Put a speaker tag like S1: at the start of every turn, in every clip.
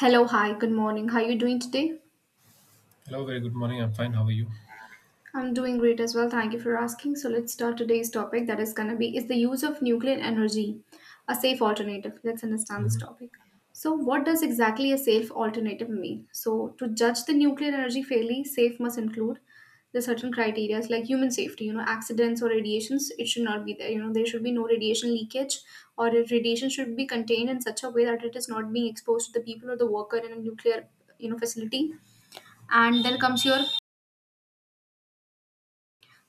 S1: Hello, hi, good morning. How are you doing today?
S2: Hello, very good morning. I'm fine. How are you?
S1: I'm doing great as well. Thank you for asking. So let's start today's topic that is going to be is the use of nuclear energy a safe alternative. Let's understand this
S2: Mhm.
S1: topic. So what does exactly a safe alternative mean? So to judge the nuclear energy fairly, safe must include the certain criteria like human safety, accidents or radiations, it should not be there. You know, there should be no radiation leakage or radiation should be contained in such a way that it is not being exposed to the people or the worker in a nuclear, facility and then comes your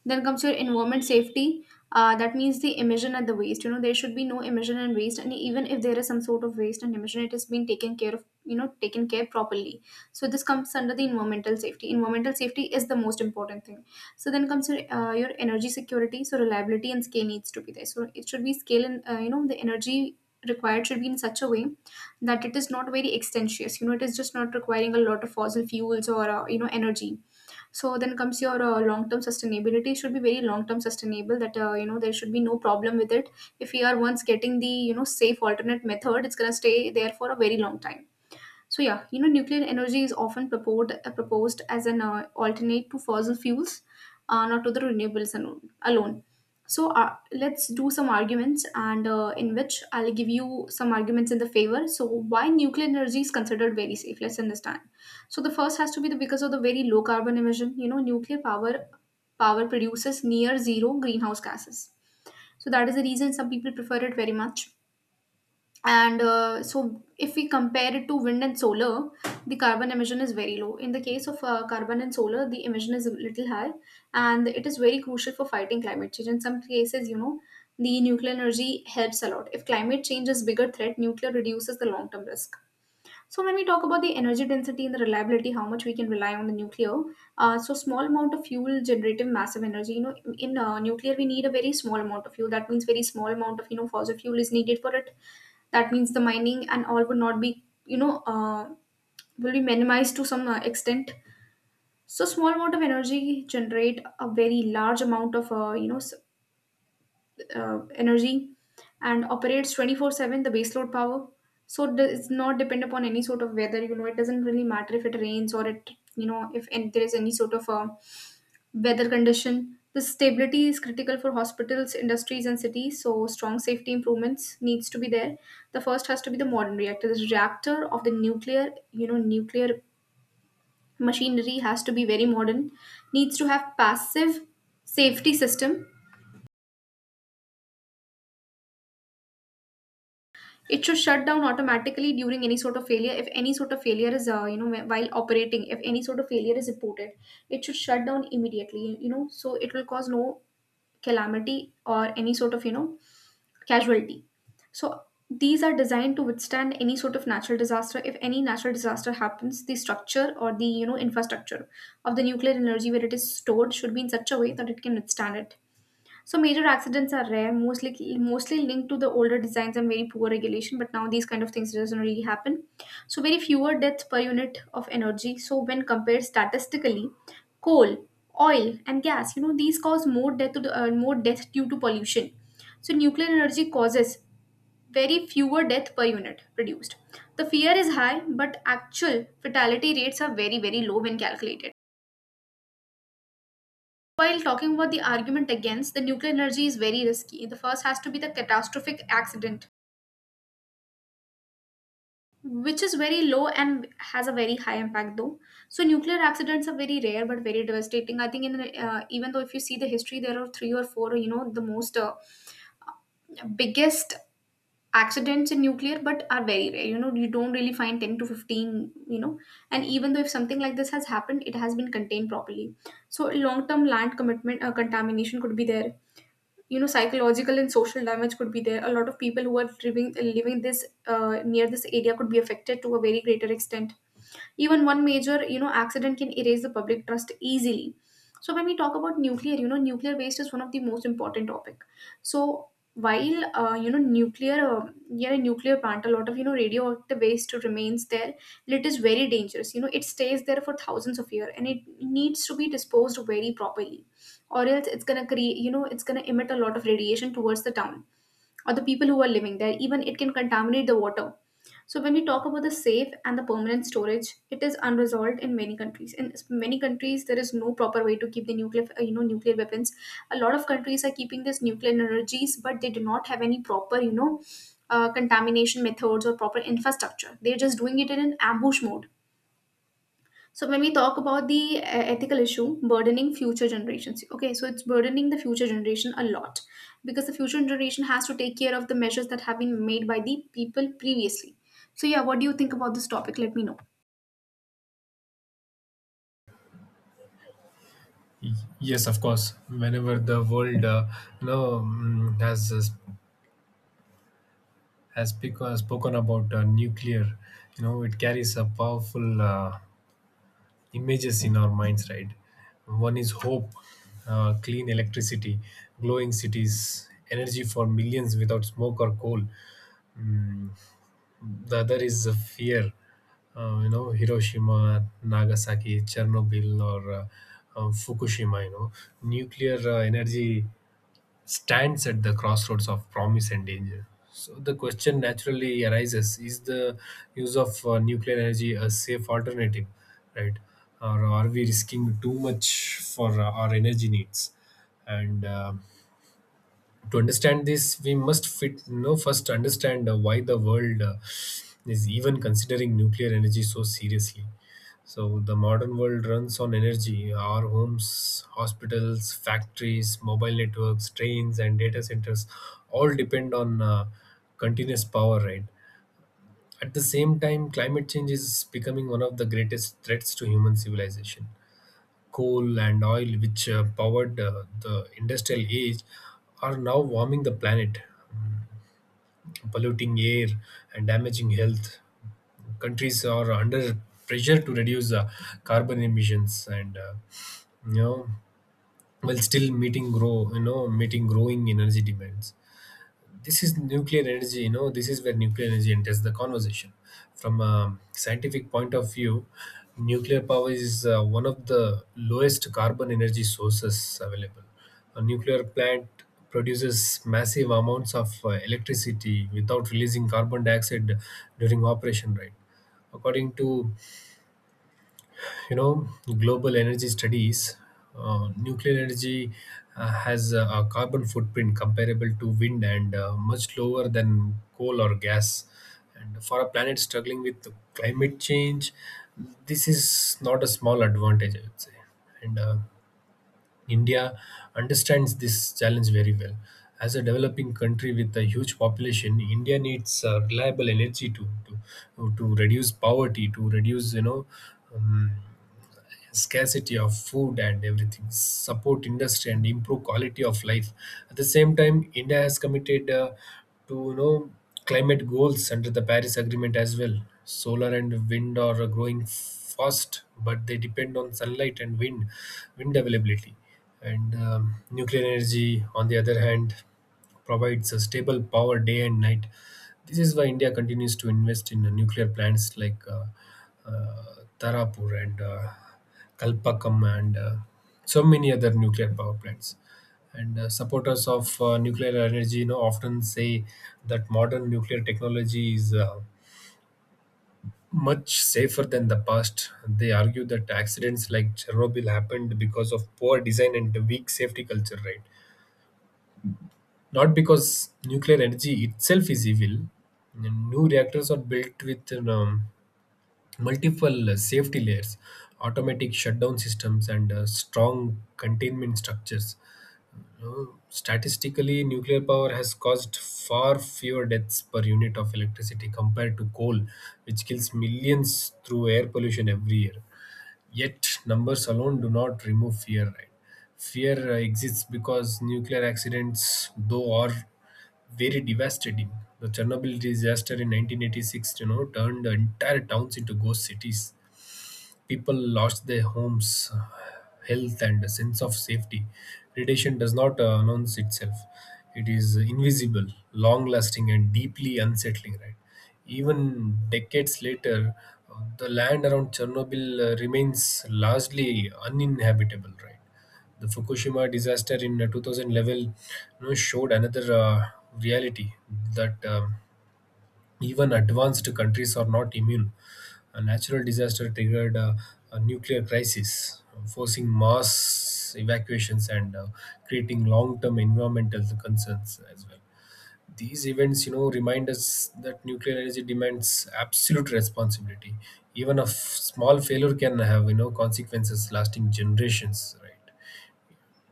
S1: then comes your environment safety. That means the emission and the waste. You know, there should be no emission and waste. And even if there is some sort of waste and emission, it has been taken care of, taken care properly. So this comes under the environmental safety. Environmental safety is the most important thing. So then comes your energy security. So reliability and scale needs to be there. So it should be scale and you know the energy required should be in such a way that it is not very extensious. You know, it is just not requiring a lot of fossil fuels or you know energy. So then comes your long term sustainability. It should be very long term sustainable that you know there should be no problem with it. If we are once getting the you know safe alternate method, it's going to stay there for a very long time. So yeah, you know, nuclear energy is often proposed as an alternate to fossil fuels, not to the alone. So let's do some arguments, and in which I'll give you some arguments in the favor. So why nuclear energy is considered very safe? Let's understand. So the first has to be the because of the very low carbon emission. You know, nuclear power produces near zero greenhouse gases. So that is the reason some people prefer it very much, and so if we compare it to wind and solar, the carbon emission is very low. In the case of carbon and solar the emission is a little high, and it is very crucial for fighting climate change. In some cases, you know, the nuclear energy helps a lot. If climate change is bigger threat, nuclear reduces the long term risk. So when we talk about the energy density and the reliability, how much we can rely on the nuclear, so small amount of fuel generating massive energy. You know, in nuclear we need a very small amount of fuel. That means very small amount of you know fossil fuel is needed for it. That means the mining and all would not be you know will be minimized to some extent. So small amount of energy generate a very large amount of energy and operates 24/7 the baseload power. So it does not depend upon any sort of weather. You know, it doesn't really matter if it rains or it, you know, if and there is any sort of a weather condition. The stability is critical for hospitals, industries, and cities, so strong safety improvements needs to be there. The first has to be the modern reactor. The reactor of the nuclear you know nuclear machinery has to be very modern, needs to have passive safety system. It should shut down automatically during any sort of failure. If any sort of failure is, while operating, if any sort of failure is reported, it should shut down immediately, you know, so it will cause no calamity or any sort of, casualty. So these are designed to withstand any sort of natural disaster. If any natural disaster happens, the structure or the, infrastructure of the nuclear energy where it is stored should be in such a way that it can withstand it. So major accidents are rare, mostly linked to the older designs and very poor regulation. But now these kind of things doesn't really happen. So very fewer deaths per unit of energy. So when compared statistically, coal, oil, and gas, you know these cause more death to the, more death due to pollution. So nuclear energy causes very fewer death per unit produced. The fear is high, but actual fatality rates are very low when calculated. While talking about the argument against, the nuclear energy is very risky. The first has to be the catastrophic accident, which is very low and has a very high impact though. So nuclear accidents are very rare but very devastating. I think in the, even though if you see the history, there are three or four, you know, the most biggest accidents in nuclear but are very rare. You know, you don't really find 10 to 15, you know, and even though if something like this has happened, it has been contained properly. So long term land commitment contamination could be there. You know, psychological and social damage could be there. A lot of people who are living this near this area could be affected to a very greater extent. Even one major you know accident can erase the public trust easily. So when we talk about nuclear, you know, nuclear waste is one of the most important topic. So while nuclear plant, a lot of you know radioactive waste remains there and it is very dangerous. You know, it stays there for thousands of years and it needs to be disposed very properly, or else it's gonna create you know it's gonna emit a lot of radiation towards the town or the people who are living there. Even it can contaminate the water. So when we talk about the safe and the permanent storage, it is unresolved in many countries. In many countries there is no proper way to keep the nuclear, nuclear weapons. A lot of countries are keeping this nuclear energies but they do not have any proper you know contamination methods or proper infrastructure. They're just doing it in an ambush mode. So when we talk about the ethical issue, burdening future generations, okay, so it's burdening the future generation a lot because the future generation has to take care of the measures that have been made by the people previously. So yeah, what do you think about this topic? Let me know.
S2: Y- Yes, of course. Whenever the world, has spoken about nuclear, you know, it carries a powerful images in our minds, right? One is hope, clean electricity, glowing cities, energy for millions without smoke or coal. The other is a fear, you know, Hiroshima, Nagasaki, Chernobyl, or Fukushima, you know, nuclear energy stands at the crossroads of promise and danger. So the question naturally arises, is the use of nuclear energy a safe alternative, right? Or are we risking too much for our energy needs? And, to understand this, we must fit you know first understand why the world is even considering nuclear energy so seriously. So the modern world runs on energy. Our homes, hospitals, factories, mobile networks, trains and data centers all depend on continuous power, right? At the same time, climate change is becoming one of the greatest threats to human civilization. Coal and oil, which powered the industrial age, are now warming the planet, polluting air, and damaging health. Countries are under pressure to reduce carbon emissions, and, you know, while still meeting grow you know meeting growing energy demands. This is where nuclear energy enters the conversation. From a scientific point of view, nuclear power is one of the lowest carbon energy sources available. A nuclear plant produces massive amounts of electricity without releasing carbon dioxide during operation, right? According to, you know, global energy studies, nuclear energy has a carbon footprint comparable to wind and much lower than coal or gas. And for a planet struggling with climate change, this is not a small advantage, I would say. And India understands this challenge very well. As a developing country with a huge population, India needs reliable energy to reduce poverty, to reduce, you know, um, scarcity of food and everything, support industry and improve quality of life. At the same time, India has committed to, you know, climate goals under the Paris Agreement as well. Solar and wind are growing fast, but they depend on sunlight and wind availability. And Nuclear energy, on the other hand, provides a stable power day and night. This is why India continues to invest in nuclear plants like uh, Tarapur and, Kalpakkam, and so many other nuclear power plants. And, supporters of, nuclear energy, you know, often say that modern nuclear technology is, much safer than the past. They argue that accidents like Chernobyl happened because of poor design and weak safety culture, right? Not because nuclear energy itself is evil. New reactors are built with, multiple safety layers, automatic shutdown systems, and, strong containment structures. You Statistically, nuclear power has caused far fewer deaths per unit of electricity compared to coal, which kills millions through air pollution every year. Yet, numbers alone do not remove fear, right? Fear exists because nuclear accidents, though, are very devastating. The Chernobyl disaster in 1986, you know, turned entire towns into ghost cities. People lost their homes, health, and a sense of safety. Predation does not announce itself. It is invisible, long lasting, and deeply unsettling, right? Even decades later, the land around Chernobyl remains largely uninhabitable, right? The Fukushima disaster in 2011, you know, showed another reality, that, even advanced countries are not immune. A natural disaster triggered a nuclear crisis, forcing mass evacuations and, creating long-term environmental concerns as well. These events, you know, remind us that nuclear energy demands absolute responsibility. Even a small failure can have, you know, consequences lasting generations. Right.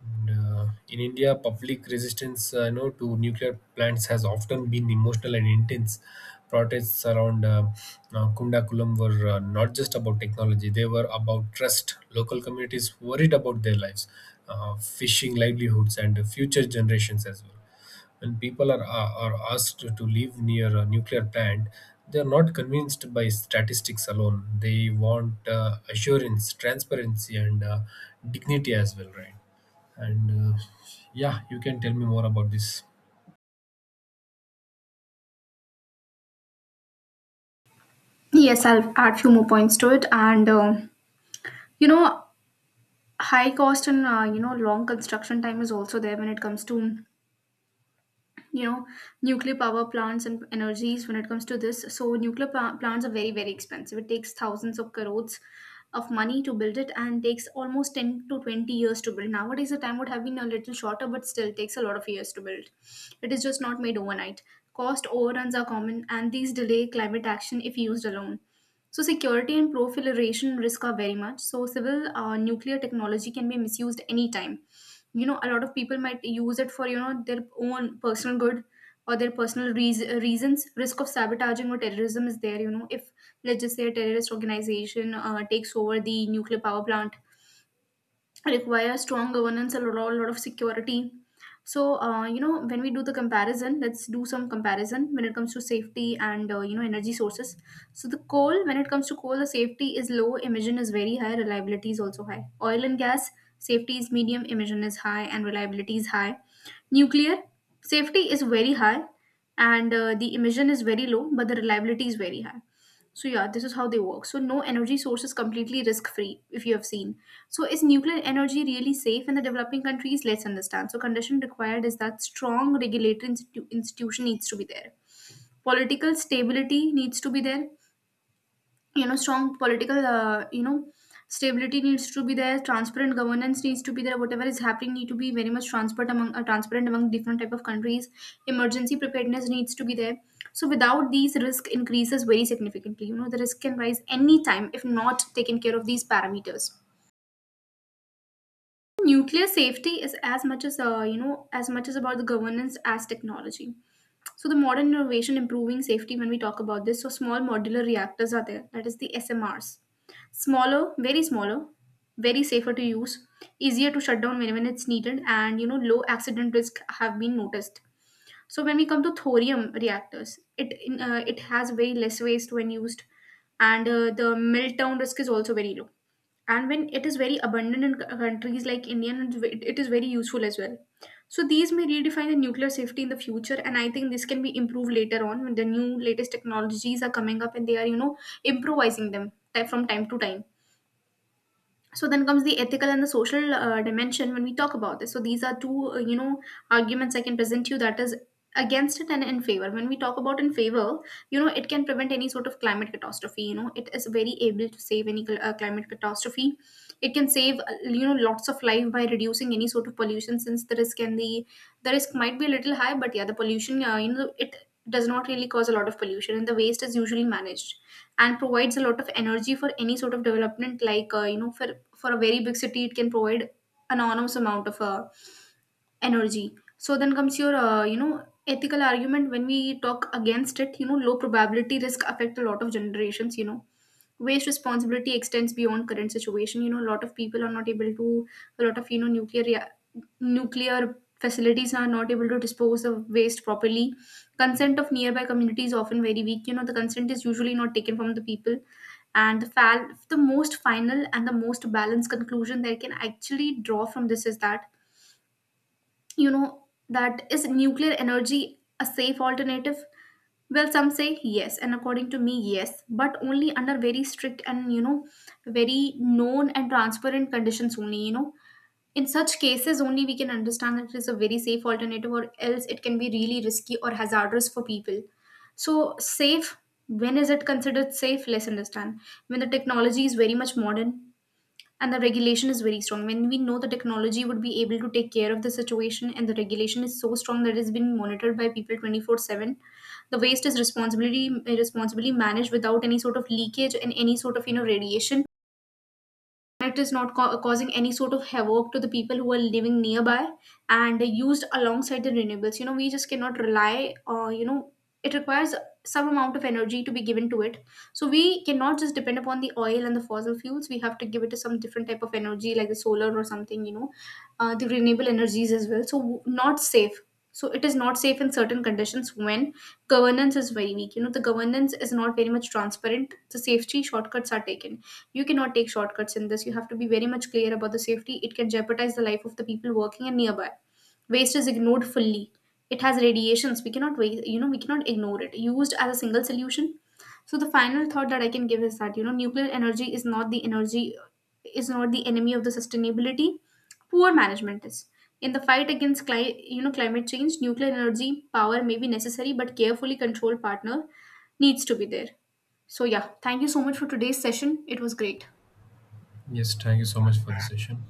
S2: And, in India, public resistance, you know, to nuclear plants has often been emotional and intense. Protests around Kundakulam were, not just about technology, they were about trust. Local communities worried about their lives, fishing livelihoods, and future generations as well. When people are asked to live near a nuclear plant, they are not convinced by statistics alone. They want, assurance, transparency, and, dignity as well, right? and Yeah, you can tell me more about this.
S1: Yes, I'll add few more points to it, and you know, high cost and you know long construction time is also there when it comes to you know nuclear power plants and energies. When it comes to this, so plants are very expensive. It takes thousands of crores of money to build it and takes almost 10 to 20 years to build. Nowadays the time would have been a little shorter but still takes a lot of years to build. It is just not made overnight. Cost overruns are common and these delay climate action if used alone. So security and proliferation risk are very much. So civil nuclear technology can be misused anytime. You know, a lot of people might use it for you know their own personal good or their personal reasons. Risk of sabotaging or terrorism is there. You know, if let's just say a terrorist organization takes over the nuclear power plant, require strong governance and a lot of security. So you know, when we do the comparison, let's do some comparison when it comes to safety and you know energy sources. So the coal, when it comes to coal, the safety is low, emission is very high, reliability is also high. Oil and gas, safety is medium, emission is high, and reliability is high. Nuclear, safety is very high, and the emission is very low but the reliability is very high. So yeah, this is how they work. So no energy source is completely risk free, if you have seen. So is nuclear energy really safe in the developing countries? Let's understand. So condition required is that strong regulatory institution needs to be there. Political stability needs to be there. Strong political, stability needs to be there. Transparent governance needs to be there. Whatever is happening need to be very much transparent among different type of countries. Emergency preparedness needs to be there. So without these, risk increases very significantly. The risk can rise any time if not taken care of these parameters. Nuclear safety is as much as, as much as about the governance as technology. So the modern innovation improving safety, when we talk about this, so small modular reactors are there, that is the SMRs. Smaller, very smaller, very safer to use, easier to shut down whenever it's needed, and low accident risk have been noticed. So when we come to thorium reactors, it has very less waste when used, and the meltdown risk is also very low. And when it is very abundant in countries like India, it is very useful as well. So these may redefine the nuclear safety in the future, and I think this can be improved later on when the new latest technologies are coming up and they are, improvising them from time to time. So then comes the ethical and the social dimension. When we talk about this, so these are two, arguments I can present to you, that is against it and in favor. When we talk about in favor, it can prevent any sort of climate catastrophe. It is very able to save any climate catastrophe. It can save, lots of life by reducing any sort of pollution. Since the risk and the risk might be a little high, but yeah, the pollution, it does not really cause a lot of pollution, and the waste is usually managed, and provides a lot of energy for any sort of development, like for a very big city, it can provide an enormous amount of energy. So then comes your, ethical argument. When we talk against it, low probability risk affect a lot of generations. Waste responsibility extends beyond current situation. A lot of people are not able to, a lot of, nuclear facilities are not able to dispose of waste properly. Consent of nearby communities often very weak. The consent is usually not taken from the people. and the fal- the most final and the most balanced conclusion that I can actually draw from this is that, that is nuclear energy a safe alternative? Well, some say yes, and according to me, yes, but only under very strict and, very known and transparent conditions only. In such cases, only we can understand that it is a very safe alternative, or else it can be really risky or hazardous for people. So, safe, when is it considered safe? Let's understand. When the technology is very much modern, and the regulation is very strong, when we know the technology would be able to take care of the situation and the regulation is so strong that it's been monitored by people 24/7. The waste is responsibly Responsibly managed without any sort of leakage and any sort of, radiation. It is not causing any sort of havoc to the people who are living nearby, and used alongside the renewables. We just cannot rely, or it requires some amount of energy to be given to it. So we cannot just depend upon the oil and the fossil fuels. We have to give it to some different type of energy like the solar or something, the renewable energies as well. So, not safe. So it is not safe in certain conditions when governance is very weak. The governance is not very much transparent, the safety shortcuts are taken. You cannot take shortcuts in this. You have to be very much clear about the safety. It can jeopardize the life of the people working and nearby. Waste is ignored fully. It has radiations. We cannot waste, we cannot ignore it. Used as a single solution. So the final thought that I can give is that, nuclear energy is not the energy, is not the enemy of the sustainability. Poor management is. In the fight against climate change, nuclear energy power may be necessary, but carefully controlled partner needs to be there. So, yeah, thank you so much for today's session. It was great.
S2: Yes, thank you so much for the session.